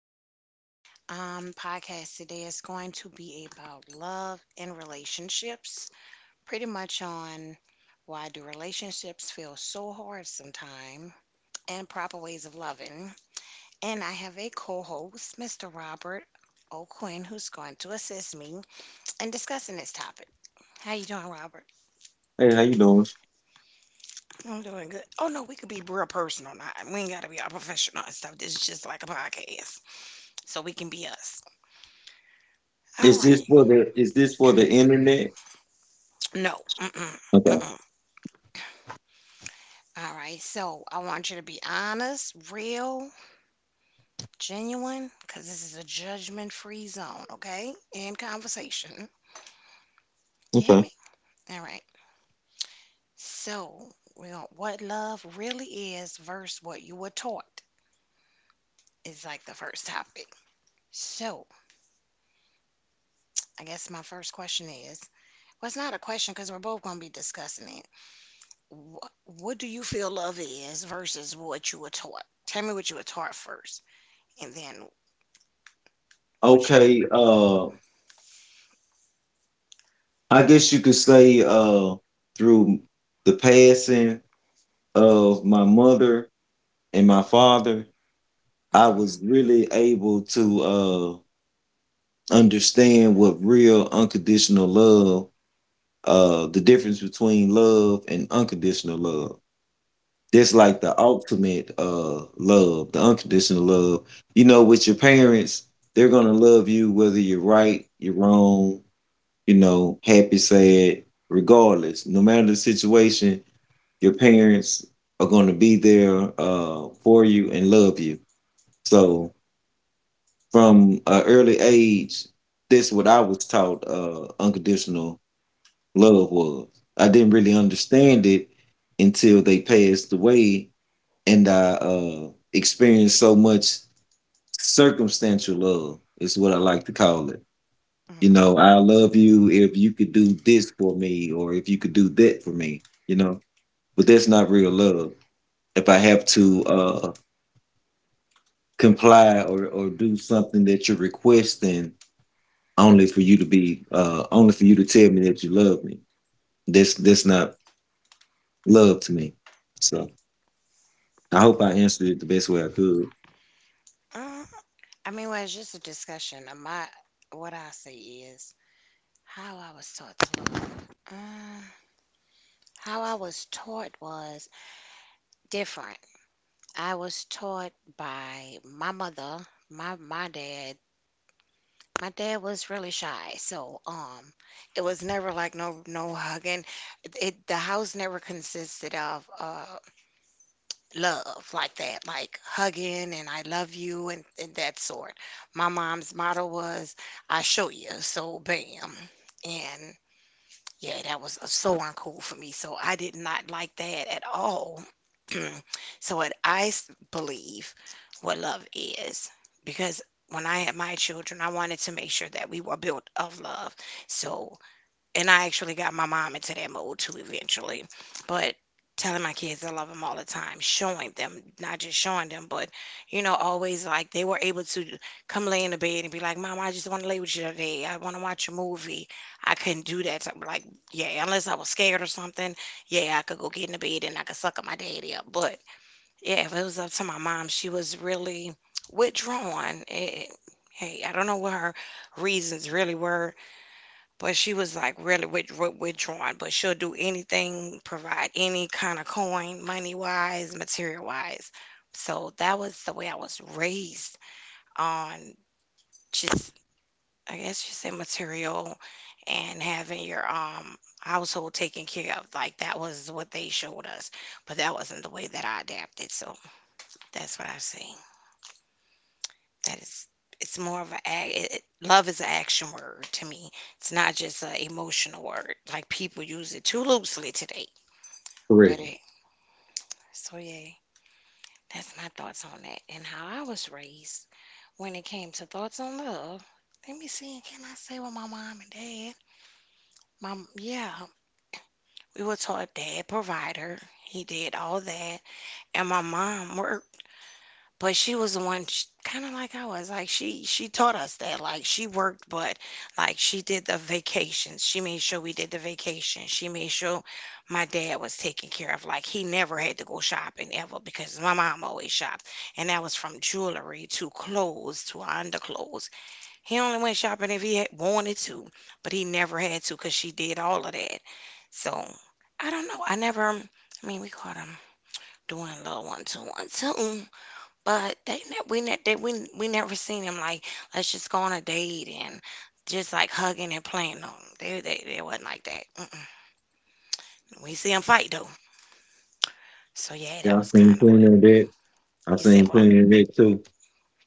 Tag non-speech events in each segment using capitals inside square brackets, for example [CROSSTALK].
Pre. Podcast today is going to be about love and relationships, pretty much on why do relationships feel so hard sometimes and proper ways of loving. And I have a co-host, Mr. Robert O'Quinn, who's going to assist me in discussing this topic. How you doing, Robert? Hey, how you doing? I'm doing good. Oh no, we could be real personal now. We ain't gotta be all professional and stuff. This is just like a podcast, so we can be us. All Is this right. for the is this for the internet? No, mm-mm, Okay. mm-mm. All right, so I want you to be honest, real, genuine, because this is a judgment-free zone, okay? In conversation. You hear Okay. me? All right. So, we're gonna, what love really is versus what you were taught is like the first topic. So, I guess my first question is, well, it's not a question because we're both gonna be discussing it. What do you feel love is versus what you were taught? Tell me what you were taught first, and then what your. Okay. I guess you could say through the passing of my mother and my father, I Mm-hmm. was really able to understand what real unconditional love, the difference between love and unconditional love. That's like the ultimate love, the unconditional love. You know, with your parents, they're gonna love you whether you're right, you're wrong, you know, happy, sad, regardless. No matter the situation, your parents are gonna be there for you and love you. So from an early age, that's what I was taught unconditional love was. I didn't really understand it until they passed away and I experienced so much circumstantial love. Is what I like to call it. You Mhm. know, I love you if you could do this for me, or if you could do that for me. You know, but that's not real love. If I have to comply or do something that you're requesting only for you to be only for you to tell me that you love me, that's not love to me. So I hope I answered it the best way I could. Uh, I mean, well, it's just a discussion. My, what I say is how I was taught to love. How I was taught was different. I was taught by my mother, my dad. My dad was really shy, so it was never like no hugging. It the house never consisted of love like that, like hugging and I love you and that sort. My mom's motto was, I show you, so bam. And yeah, that was so uncool for me. So I did not like that at all. [CLEARS THROAT] Believe what love is, because when I had my children, I wanted to make sure that we were built of love. So and I actually got my mom into that mode too eventually. But telling my kids I love them all the time, showing them, not just showing them, but you know, always like they were able to come lay in the bed and be like, Mom, I just want to lay with you today. I want to watch a movie. I couldn't do that. So, like, yeah, unless I was scared or something, yeah, I could go get in the bed and I could suck up my daddy up. But yeah, if it was up to my mom, she was really withdrawn. It, hey, I don't know what her reasons really were. But she was like really withdrawn, but she'll do anything, provide any kind of coin, money wise, material wise. So that was the way I was raised on just, I guess you say material and having your household taken care of. Like that was what they showed us, but that wasn't the way that I adapted. So that's what I say. That is it's more of a ac it it love is an action word to me. It's not just an emotional word, like people use it too loosely today. But Correct. it so yeah, that's my thoughts on that and how I was raised when it came to thoughts on love. Let me see, can I say what my mom and dad? Mom, yeah, we were taught dad provider. He did all that, and my mom worked. But she was the one kinda like I was, like, she taught us that, like, she worked, but, like, she did the vacations, she made sure we did the vacation. She made sure my dad was taken care of, like, he never had to go shopping ever because my mom always shopped, and that was from jewelry to clothes to underclothes. He only went shopping if he had wanted to, but he never had to because she did all of that. So, I don't know, I never I mean, we caught him doing little one-two-one-two. But they ne we ne they we never seen him like, "Let's just go on a date and just, like, hugging and playing." No, they it wasn't like that. Mm-mm. We see 'em fight, though. So, yeah, that Yeah, I was think kinda what cleaner than that. I you said seen what? plenty of that too.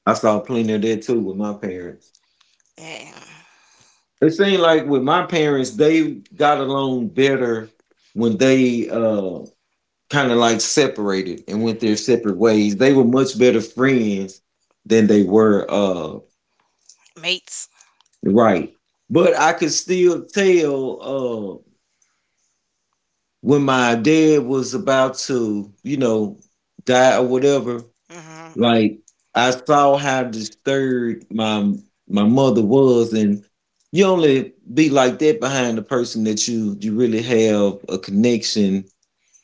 I saw plenty of that too with my parents. Yeah, It seemed like with my parents, they got along better when they kind of like separated and went their separate ways. They were much better friends than they were mates. right. But I could still tell when my dad was about to, you know, die or whatever. Mhm. Like I saw how disturbed my mother was, and you only be like that behind the person that you really have a connection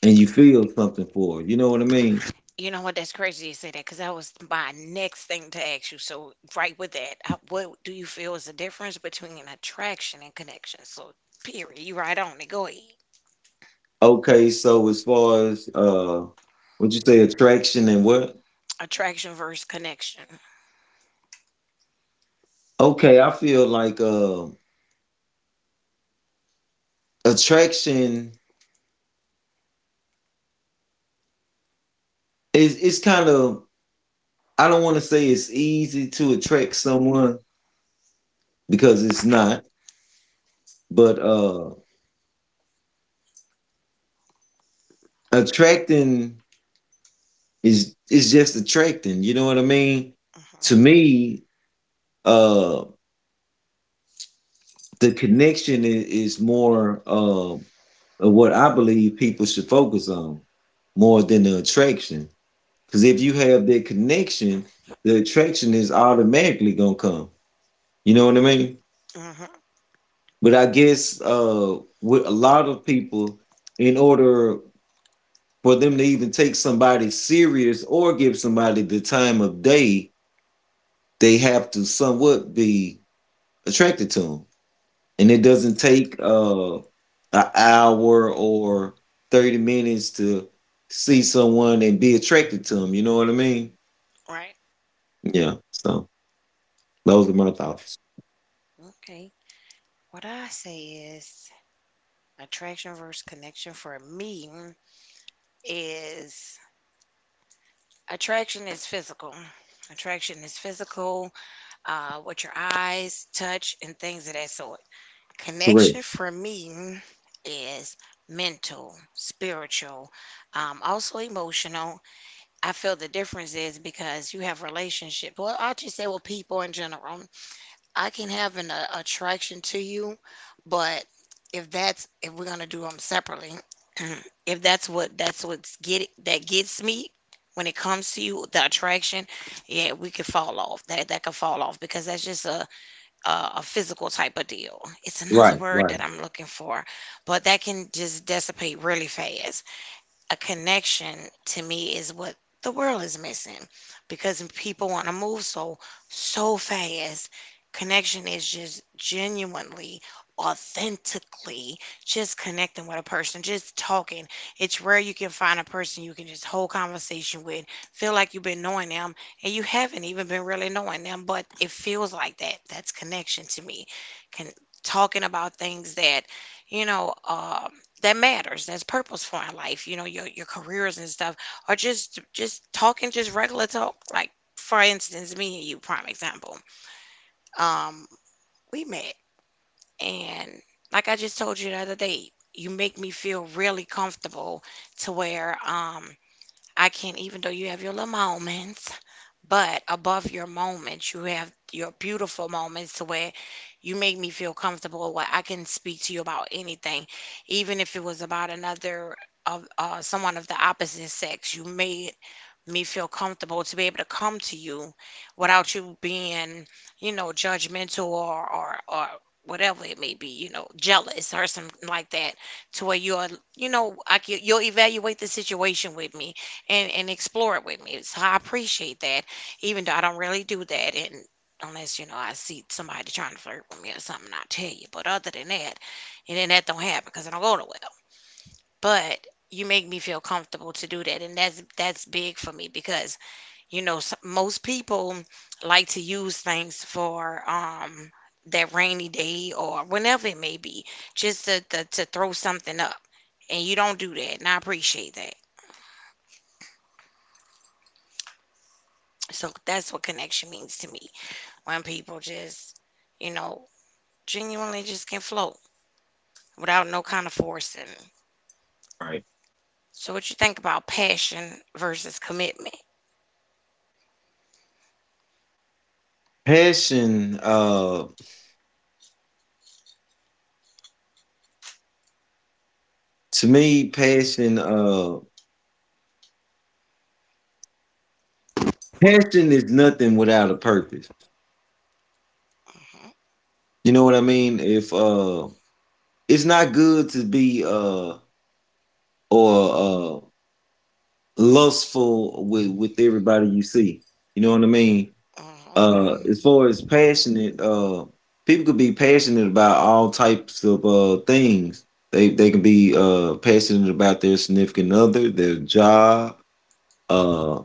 and you feel something for. You know what I mean? You know what? That's crazy you say that because that was my next thing to ask you. So, right with that, how what do you feel is the difference between an attraction and connection? So, period. You right on it. Go ahead. Okay, so as far as what you say attraction and what? Attraction versus connection. Okay, I feel like attraction is, it's kind of, I don't want to say it's easy to attract someone because it's not, but attracting is, it's just attracting. You know what I mean? To Mhm. me, uh, the connection is more of what I believe people should focus on more than the attraction. Because if you have that connection, the attraction is automatically gonna come. You know what I mean? Mhm. But I guess with a lot of people, in order for them to even take somebody serious or give somebody the time of day, they have to somewhat be attracted to them. And it doesn't take an hour or 30 minutes to see someone and be attracted to them. You know what I mean? Right. Yeah. So those are my thoughts. Okay. What I say is attraction versus connection for me is attraction is physical. Attraction is physical, with your eyes, touch, and things of that sort. Correct. Connection for me is mental, spiritual, also emotional. I feel the difference is because you have relationship. Well, I'll just say with people in general. I can have an attraction to you, but if that's if we're gonna do them separately, [CLEARS THROAT] if that's what that gets me when it comes to you, the attraction, yeah, we could fall off. That could fall off because that's just a physical type of deal. It's another Right, word right. that I'm looking for, but that can just dissipate really fast. A connection to me is what the world is missing because people want to move so fast. Connection is just genuinely, authentically just connecting with a person, just talking. It's rare you can find a person you can just hold conversation with, feel like you've been knowing them and you haven't even been really knowing them, but it feels like that. That's connection to me. Can talking about things that you know uh that matters, that's purposeful in life, you know, your careers and stuff, or just talking, just regular talk, like for instance me and you, prime example. um we met and like I just told you the other day, you make me feel really comfortable to where I can, even though you have your little moments, but above your moments, you have your beautiful moments to where you make me feel comfortable where I can speak to you about anything, even if it was about another of someone of the opposite sex. You made me feel comfortable to be able to come to you without you being, you know, judgmental or whatever it may be, you know, jealous or something like that, to where you're, you know, I can, you'll evaluate the situation with me and explore it with me. So I appreciate that, even though I don't really do that and. Unless you know I see somebody trying to flirt with me or something, I'll tell you. But other than that, and then that don't happen because I don't go nowhere. But you make me feel comfortable to do that, and that's big for me because you know, s most people like to use things for that rainy day or whenever it may be, just to throw something up. And you don't do that, and I appreciate that. So that's what connection means to me. When people just, you know, genuinely just can float without no kind of forcing. Right. So what you think about passion versus commitment? Passion, to me, passion, passion is nothing without a purpose. You know what I mean? If it's not good to be or lustful with everybody you see. You know what I mean? Hmm. As far as passionate, people could be passionate about all types of things. They can be passionate about their significant other, their job, uh,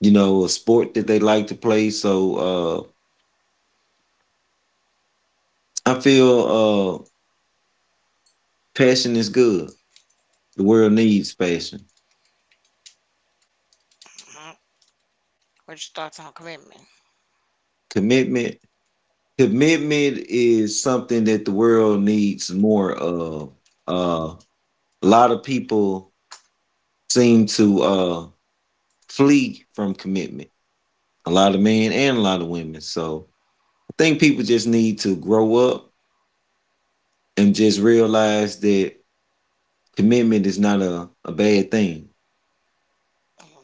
you know, a sport that they like to play. So I feel passion is good. The world needs passion. Hmm. What's your thoughts on commitment? Commitment, commitment is something that the world needs more of. Uh, a lot of people seem to flee from commitment, a lot of men and a lot of women. So I think people just need to grow up and just realize that commitment is not a bad thing.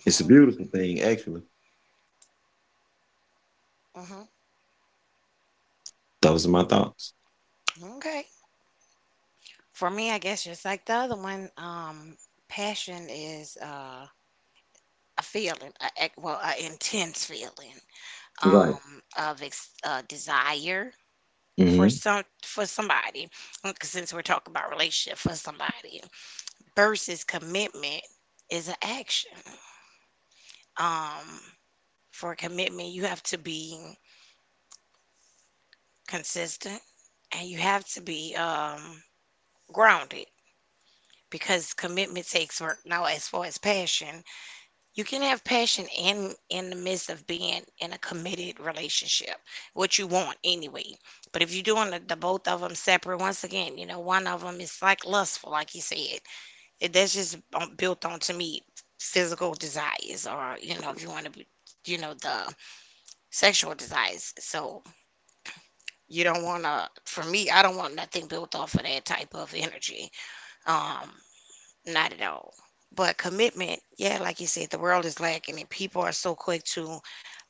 It's a beautiful thing, actually. Hmm. Those are my thoughts. Okay. For me, I guess just like the other one, passion is a feeling, well, an intense feeling Right. um, of desire for Hmm. Somebody. 'Cause since we're talking about relationship for somebody, versus commitment is an action. Um, for commitment, you have to be consistent and you have to be grounded because commitment takes work. Now, as far as passion. You can have passion in the midst of being in a committed relationship, what you want anyway. But if you're doing the both of them separate, once again, you know, one of them is like lustful, like you said. It, that's just built on to me physical desires, or you know, if you want to be, you know, the sexual desires. So you don't want to. For me, I don't want nothing built off of that type of energy. Um, not at all. But commitment, yeah, like you said, the world is lacking and people are so quick to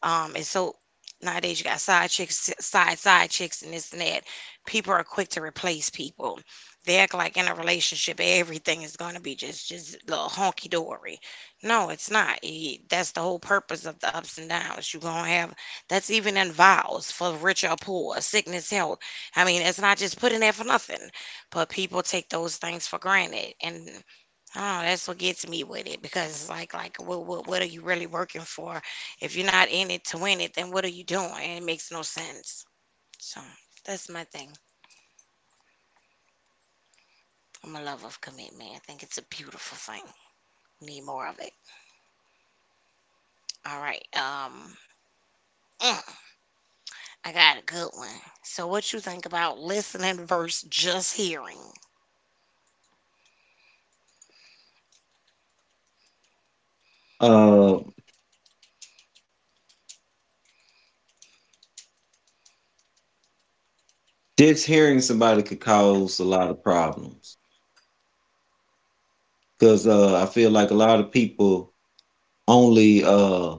and so nowadays you got side chicks side chicks and this and that. People are quick to replace people. They act like in a relationship everything is gonna be just little honky dory. No, it's not. Y- That's the whole purpose of the ups and downs. You're gonna have that's even in vows for rich or poor, sickness, health. I mean, it's not just putting there for nothing. But people take those things for granted and Oh, that's what gets me with it because it's like what are you really working for? If you're not in it to win it, then what are you doing? It makes no sense. So that's my thing. I'm a lover of commitment. I think it's a beautiful thing. Need more of it. All right. Mm, I got a good one. So what you think about listening versus just hearing? Uh, just hearing somebody could cause a lot of problems because I feel like a lot of people only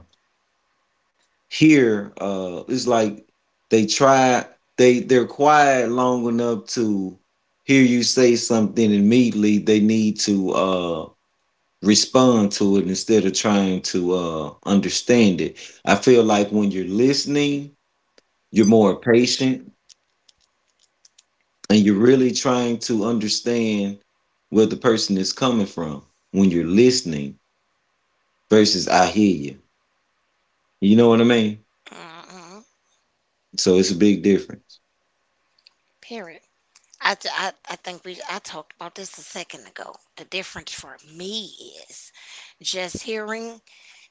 here it's like they try they they're quiet long enough to hear you say something, immediately they need to respond to it instead of trying to understand it. I feel like when you're listening, you're more patient and you're really trying to understand where the person is coming from when you're listening versus I hear you. You know what I mean? Mm-hmm. So it's a big difference. Period. I think we I talked about this a second ago. The difference for me is just hearing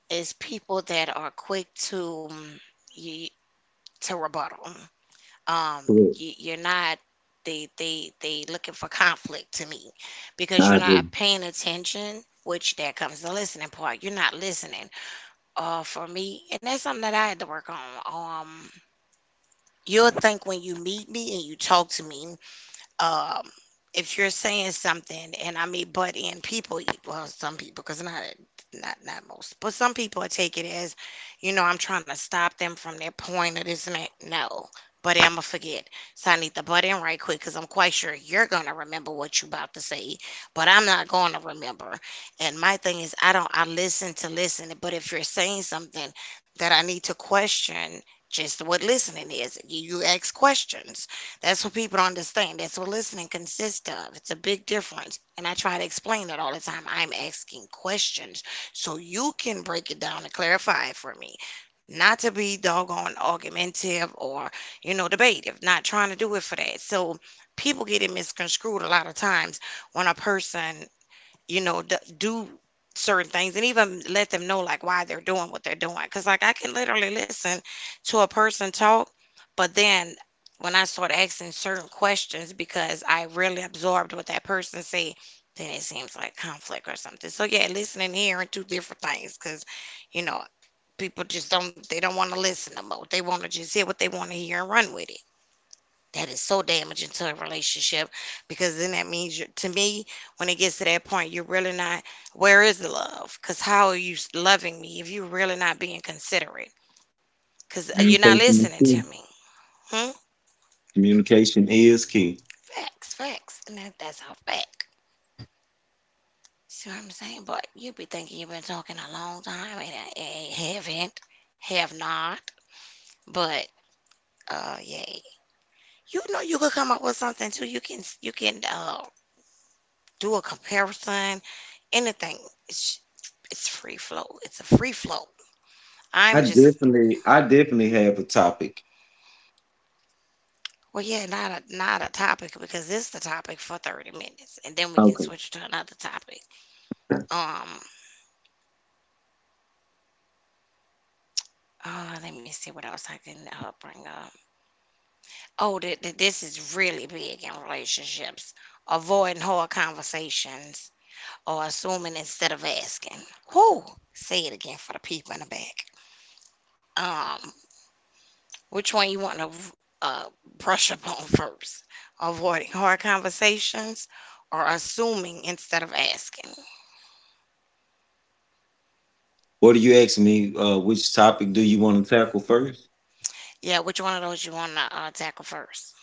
is people that are quick to you, to rebuttal. Um, Correct. you're not they looking for conflict to me I because you're agree. not paying attention. Which there comes the listening part. You're not listening. For me, and that's something that I had to work on. You'll think when you meet me and you talk to me um, if you're saying something and I mean butt in people, well, some people, because not most, but some people will take it as, I'm trying to stop them from their point of this and that. No, but I'ma forget, so I need to butt in right quick because I'm quite sure you're gonna remember what you' about to say, but I'm not gonna remember. And my thing is, I don't I listen to listen, but if you're saying something that I need to question. Just what listening is. You ask questions. That's what people don't understand. That's what listening consists of. It's a big difference. And I try to explain that all the time. I'm asking questions so you can break it down and clarify it for me. Not to be doggone argumentative or, debative, not trying to do it for that. So people get it misconstrued a lot of times when a person do certain things and even let them know like why they're doing what they're doing. Cause like I can literally listen to a person talk, but then when I start asking certain questions because I really absorbed what that person said, then it seems like conflict or something. So yeah, listening and hearing two different things. Cause you know people just don't they don't want to listen no more. They want to just hear what they want to hear and run with it. That is so damaging to a relationship because then that means you to me, when it gets to that point, you're really not, where is the love? Because how are you loving me if you're really not being considerate? Because you're not Communication is listening key. to me. Hmm? Communication is key. Facts, facts. And that's all fact. See what I'm saying? But you be thinking you've been talking a long time and I haven't, have not. But, yay. You know you could come up with something too. You can, do a comparison, anything. It's free flow. It's a free flow. I I'm just. definitely, I definitely have a topic. Well, yeah, not a topic because this is the topic for 30 minutes, and then we can Okay. switch to another topic. Um, Let me see what else I can bring up. Oh, this is really big in relationships. Avoiding hard conversations or assuming instead of asking. Who? Say it again for the people in the back. Um. Which one you want to uh, brush up on first? Avoiding hard conversations or assuming instead of asking? What do you ask me? Which topic do you want to tackle first? Yeah, which one of those you want to tackle first?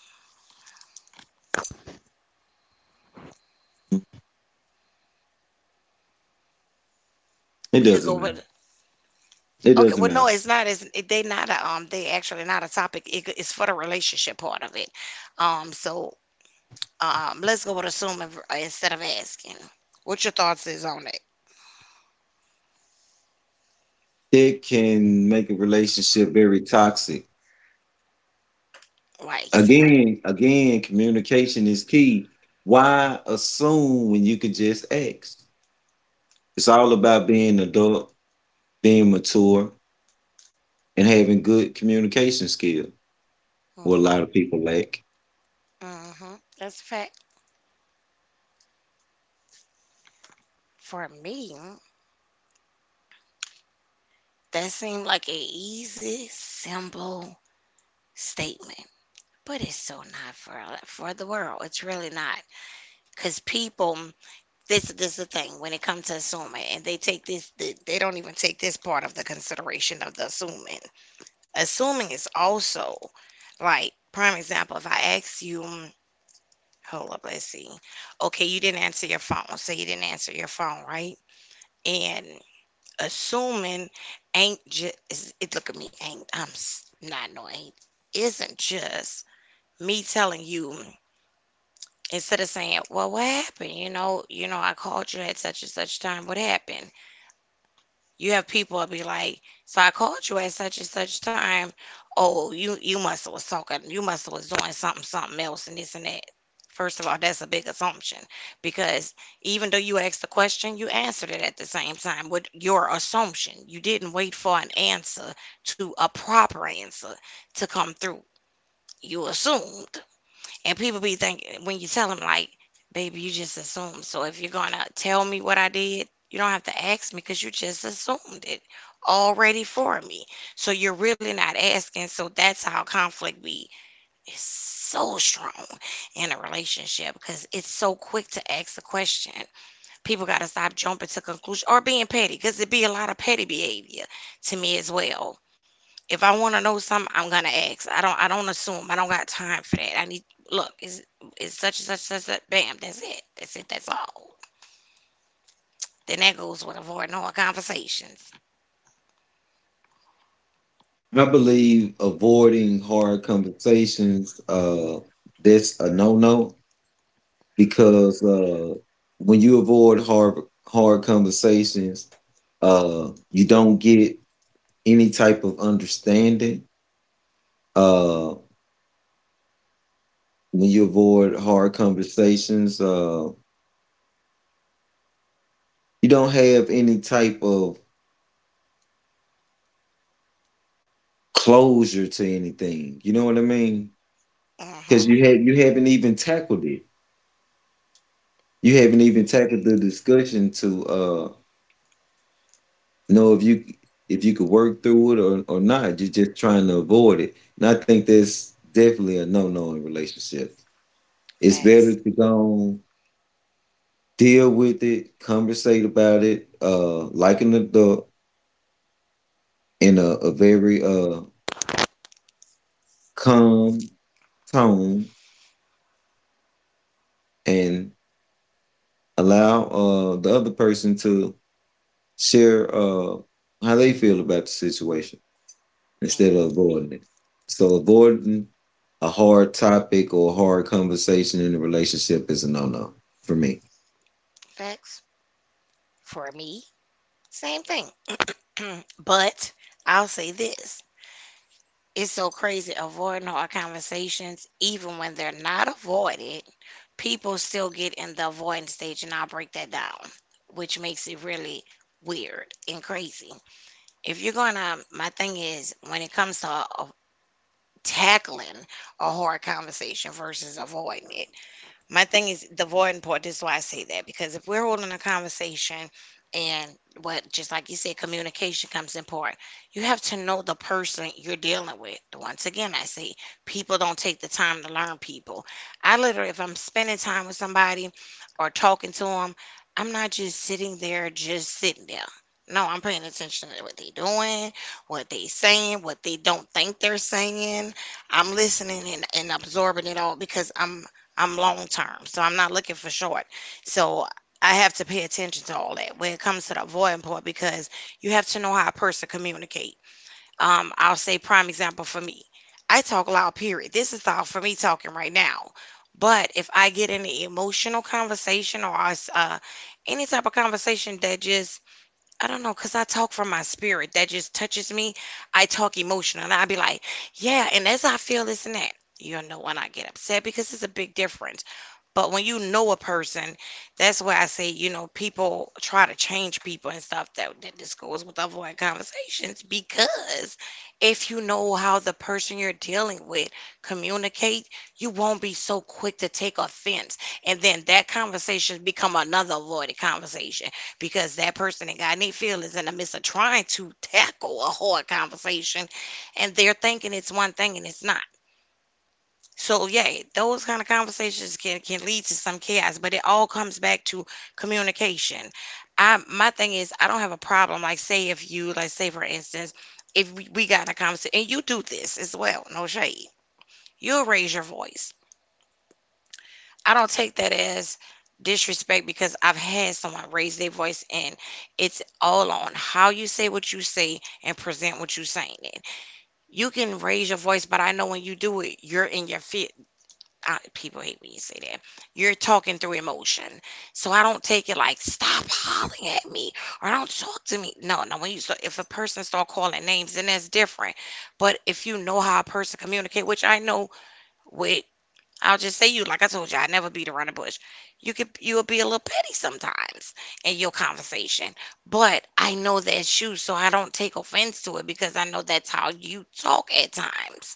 It We could go doesn't matter. with It okay. doesn't Well, matter. no, it's not. It's, they not a They actually not a topic. It's for the relationship part of it. So Let's go with assuming instead of asking. What your thoughts is on it? It can make a relationship very toxic. Why he said. Again, again, communication is key. Why assume when you could just ask? It's all about being adult, being mature, and having good communication skill. What a Mhm. lot of people lack. Mhm. That's a fact for me. That seemed like an easy, simple statement, but it's so not for the world. It's really not because people. This is the thing when it comes to assuming, and they take this. They don't even take this part of the consideration of the assuming. Assuming is also like prime example. If I ask you, hold up, let's see. Okay, you didn't answer your phone. So you didn't answer your phone, right? And assuming ain't just it. Look at me, ain't not, no ain't isn't just me telling you, instead of saying, well, what happened? I called you at such and such time, what happened? You have people that be like, so I called you at such and such time. Oh, you must have was talking. You must have was doing something else and this and that. First of all, that's a big assumption because even though you asked the question, you answered it at the same time with your assumption. You didn't wait for an answer to a proper answer to come through. You assumed. And people be thinking when you tell them like, "Baby, you just assumed." So if you're gonna tell me what I did, you don't have to ask me because you just assumed it already for me. So you're really not asking. So that's how conflict be is so strong in a relationship because it's so quick to ask a question. People gotta stop jumping to conclusion or being petty because it be a lot of petty behavior to me as well if I want to know something, I'm gonna ask. I don't assume. I don't got time for that. I need look, it's such and such such such bam, that's it. That's it, that's all. Then that goes with avoiding all conversations. I believe avoiding hard conversations, that's a no-no because when you avoid hard conversations, you don't get any type of understanding. Uh, when you avoid hard conversations, you don't have any type of closure to anything. You know what I mean? Because Mm-hmm. you haven't even tackled it. You haven't even tackled the discussion to know if you, if you could work through it or not. You're just trying to avoid it. And I think that's definitely a no no in relationships. It's better Facts. to go deal with it, conversate about it, like an adult in a very calm tone and allow the other person to share how they feel about the situation, Mm, instead of avoiding it. So avoiding a hard topic or a hard conversation in a relationship is a no-no for me. Facts. For me, same thing. [CLEARS THROAT] But I'll say this. It's so crazy avoiding hard conversations, even when they're not avoided, people still get in the avoidance stage, and I'll break that down, which makes it really weird and crazy. If you're gonna My thing is when it comes to tackling a hard conversation versus avoiding it. My thing is the voiding part. This is why I say that because if we're holding a conversation and what, just like you said, communication comes important. You have to know the person you're dealing with. Once again, I say people don't take the time to learn people. I literally, if I'm spending time with somebody or talking to them, I'm not just sitting there, just sitting there. No, I'm paying attention to what they're doing, what they saying, what they don't think they're saying. I'm listening and absorbing it all because I'm long term, so I'm not looking for short. So I have to pay attention to all that when it comes to the avoiding part because you have to know how a person communicate. I'll say prime example for me. I talk loud, period. This is all for me talking right now. But if I get in an emotional conversation or any type of conversation that just I don't know, cause I talk from my spirit. That just touches me. I talk emotional, and I be like, "Yeah," and as I feel this and that, when I get upset because it's a big difference. But when you know a person, that's why I say, people try to change people and stuff. That, that this goes with avoid conversations because if you know how the person you're dealing with communicate, you won't be so quick to take offense, and then that conversation become another avoided conversation because that person that got any feelings in the midst of trying to tackle a hard conversation and they're thinking it's one thing and it's not. So yeah, those kind of conversations can lead to some chaos, but it all comes back to communication. I my thing is I don't have a problem like say if you like say for instance if we got in a conversation and you do this as well, no shade. You'll raise your voice. I don't take that as disrespect because I've had someone raise their voice and it's all on how you say what you say and present what you saying it. You can raise your voice, but I know when you do it, you're in your fit. People hate when you say that. You're talking through emotion. So I don't take it like stop hollering at me or don't talk to me. No, no, when you so if a person start calling names, then that's different. But if you know how a person communicate, which I know with I'll just say you, like I told you, I never beat around the bush. You'll be a little petty sometimes in your conversation, but I know that's you, so I don't take offense to it because I know that's how you talk at times.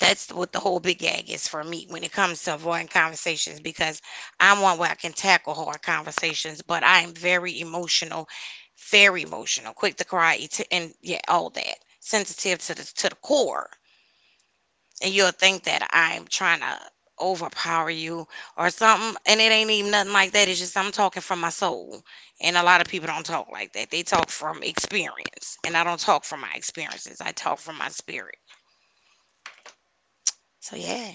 That's what the whole big gag is for me when it comes to avoiding conversations because I'm one where I can tackle hard conversations, but I am very emotional, quick to cry, and yeah, all that, sensitive to the core and you'll think that I'm trying to overpower you or something. And it ain't even nothing like that. It's just I'm talking from my soul. And a lot of people don't talk like that. They talk from experience. And I don't talk from my experiences, I talk from my spirit. So, yeah,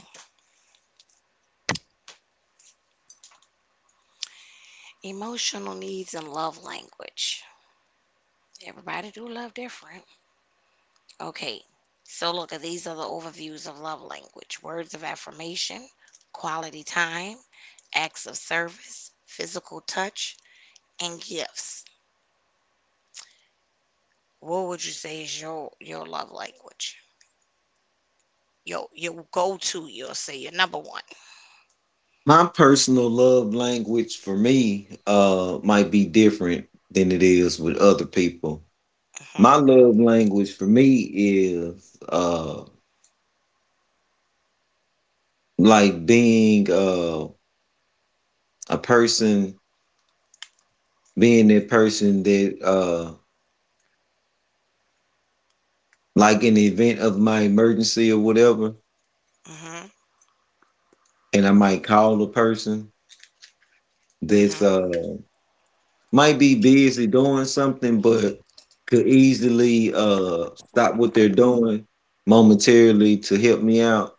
emotional needs and love language. Everybody do love different. Okay, so look at these are the overviews of love language, words of affirmation, quality time, acts of service, physical touch, and gifts. What would you say is your love language? Your go to, you'll say your number one. My personal love language for me might be different than it is with other people. Mhm. My love language for me is uh like being a person being that person that like in the event of my emergency or whatever, Mhm. and I might call a person that's Mhm. Might be busy doing something, but could easily stop what they're doing momentarily to help me out.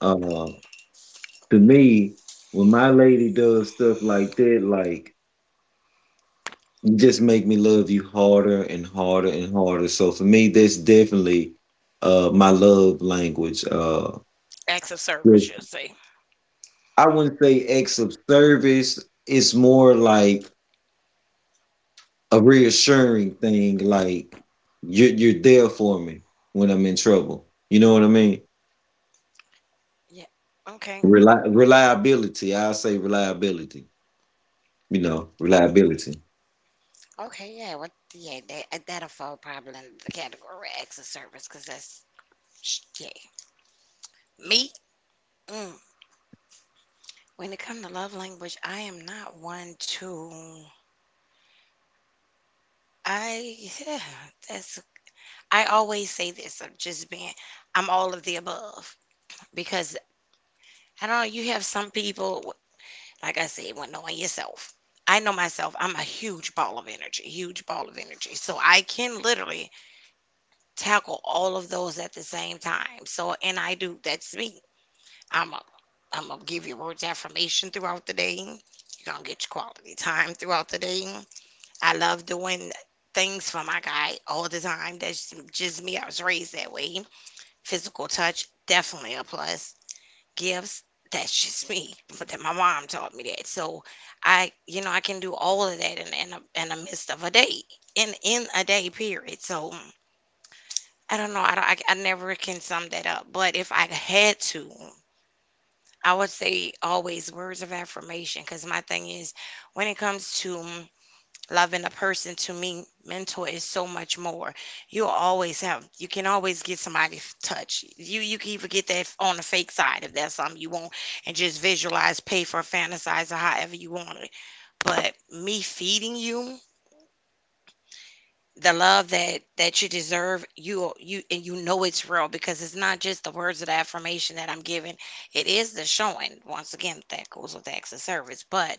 Uh, to me, when my lady does stuff like that, like, you just make me love you harder and harder and harder. So for me, that's definitely my love language. Acts of service, Yes. you'll say. I wouldn't say acts of service. It's more like a reassuring thing, like you're there for me when I'm in trouble. You know what I mean? Yeah. Okay. Reliability. I'll say reliability. You know, reliability. Okay. Yeah. What? Yeah. That that'll fall probably under the category of acts of service because that's yeah. Me. Mm. When it comes to love language, I am not one to. I Yeah, that's I always say this. I'm just being. I'm all of the above because I don't know. You have some people. Like I said, well, knowing yourself. I know myself, I'm a huge ball of energy, huge ball of energy. So I can literally tackle all of those at the same time. So, and I do, that's me. I'm a, I'm gonna give you words of affirmation throughout the day. You're gonna get your quality time throughout the day. I love doing things for my guy all the time. That's just me. I was raised that way. Physical touch, definitely a plus, gifts. That's just me. But that my mom taught me that. So I can do all of that in in the midst of a day, in a day period. So I don't know. I don't. I never can sum that up. But if I had to, I would say always words of affirmation. Because my thing is, when it comes to loving a person to me, mentor is so much more. You always have, you can always get somebody's touch. You can even get that on the fake side if that's something you want, and just visualize, pay for, fantasize, or however you want it. But me feeding you the love that you deserve, you and you know it's real because it's not just the words of the affirmation that I'm giving. It is the showing. Once again, that goes with acts of service, but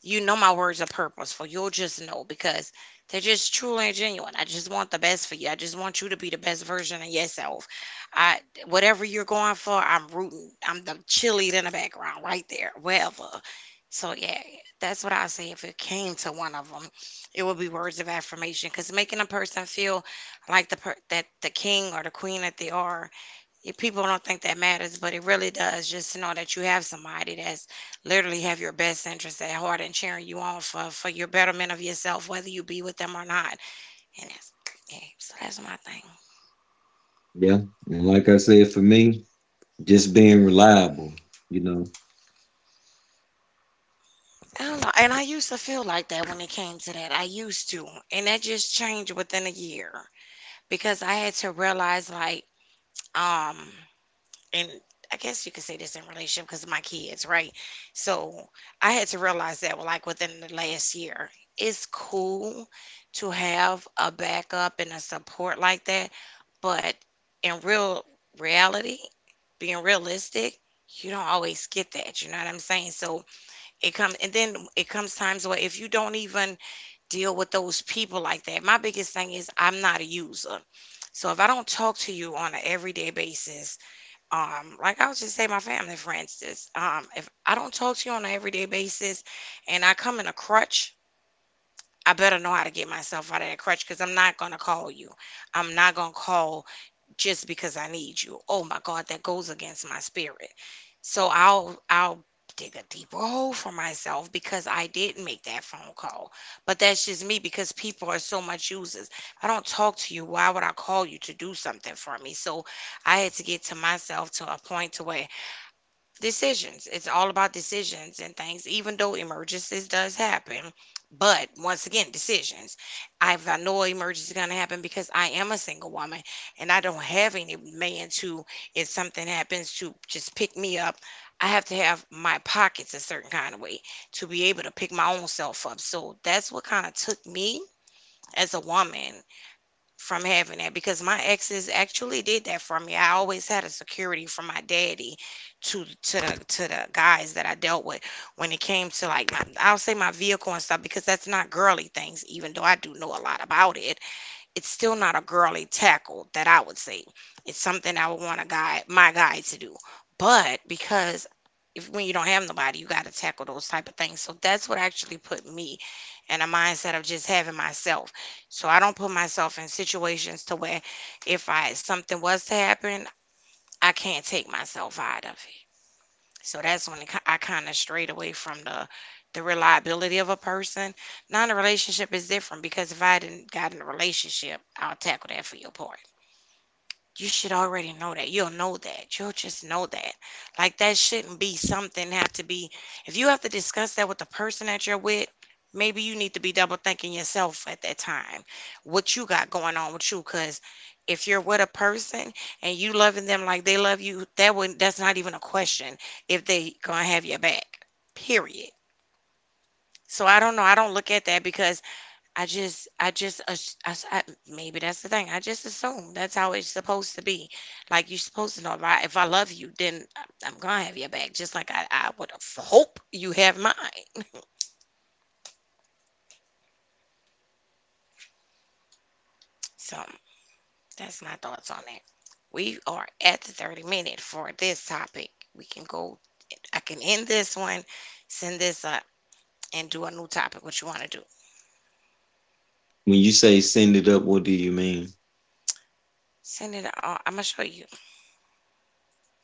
you know my words are purposeful. You'll just know because they're just truly and genuine. I just want the best for you. I just want you to be the best version of yourself. I Whatever you're going for, I'm rooting. I'm the cheerleader in the background right there, wherever. So yeah, that's what I say. If it came to one of them, it would be words of affirmation because making a person feel like the that the king or the queen that they are, people don't think that matters, but it really does. Just to know that you have somebody that's literally have your best interest at heart and cheering you on for your betterment of yourself, whether you be with them or not. And that's yeah, so that's my thing. Yeah. And like I said, for me, just being reliable, you know. I don't know, and I used to feel like that when it came to that. I used to, and that just changed within a year because I had to realize, like, um and I guess you could say this in relationship because of my kids, right? So I had to realize that, well, like within the last year, it's cool to have a backup and a support like that, but in reality, being realistic, you don't always get that. You know what I'm saying? So it comes, and then it comes times where if you don't even deal with those people like that, my biggest thing is I'm not a user. So if I don't talk to you on an everyday basis, like I was just say, my family, for instance, if I don't talk to you on an everyday basis and I come in a crutch, I better know how to get myself out of that crutch because I'm not going to call you. I'm not going to call just because I need you. Oh my God, that goes against my spirit. So I'll dig a deeper hole for myself because I did make that phone call. But that's just me because people are so much users. If I don't talk to you, why would I call you to do something for me? So I had to get to myself to a point to where decisions. It's all about decisions and things, even though emergencies does happen. But once again, decisions. If I know an emergency is gonna happen because I am a single woman and I don't have any man to, if something happens, to just pick me up. I have to have my pockets a certain kind of way to be able to pick my own self up. So that's what kind of took me as a woman from having that because my exes actually did that for me. I always had a security from my daddy to the guys that I dealt with when it came to like my, I'll say my vehicle and stuff because that's not girly things, even though I do know a lot about it, it's still not a girly tackle that I would say. It's something I would want a guy, my guy, to do. But because if when you don't have nobody, you got to tackle those type of things. So that's what actually put me in a mindset of just having myself. So I don't put myself in situations to where if I something was to happen, I can't take myself out of it. So that's when I kind of strayed away from the reliability of a person. Now in a relationship is different because if I didn't got in a relationship, I'll tackle that for your partner. You should already know that. You'll know that. You'll just know that. Like that shouldn't be something have to be. If you have to discuss that with the person that you're with, maybe you need to be double thinking yourself at that time. What you got going on with you, cuz if you're with a person and you loving them like they love you, that's not even a question if they going to have your back. Period. So I don't know. I don't look at that because I just, maybe that's the thing. I just assume that's how it's supposed to be. Like you're supposed to know if if I love you, then I'm gonna have your back, just like I would hope you have mine. So that's my thoughts on that. We are at the 30 minute for this topic. We can go, I can end this one, send this up, and do a new topic. What you want to do? When you say send it up, what do you mean? Send it. I'm gonna show you.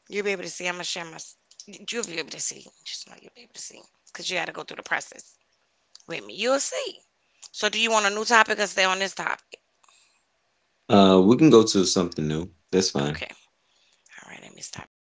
You'll be able to see. I'm gonna share my. You'll be able to see. Just know you'll be able to see because you got to go through the process. With me. You'll see. So, do you want a new topic or stay on this topic? We can go to something new. That's fine. Okay. All right. Let me stop the recording.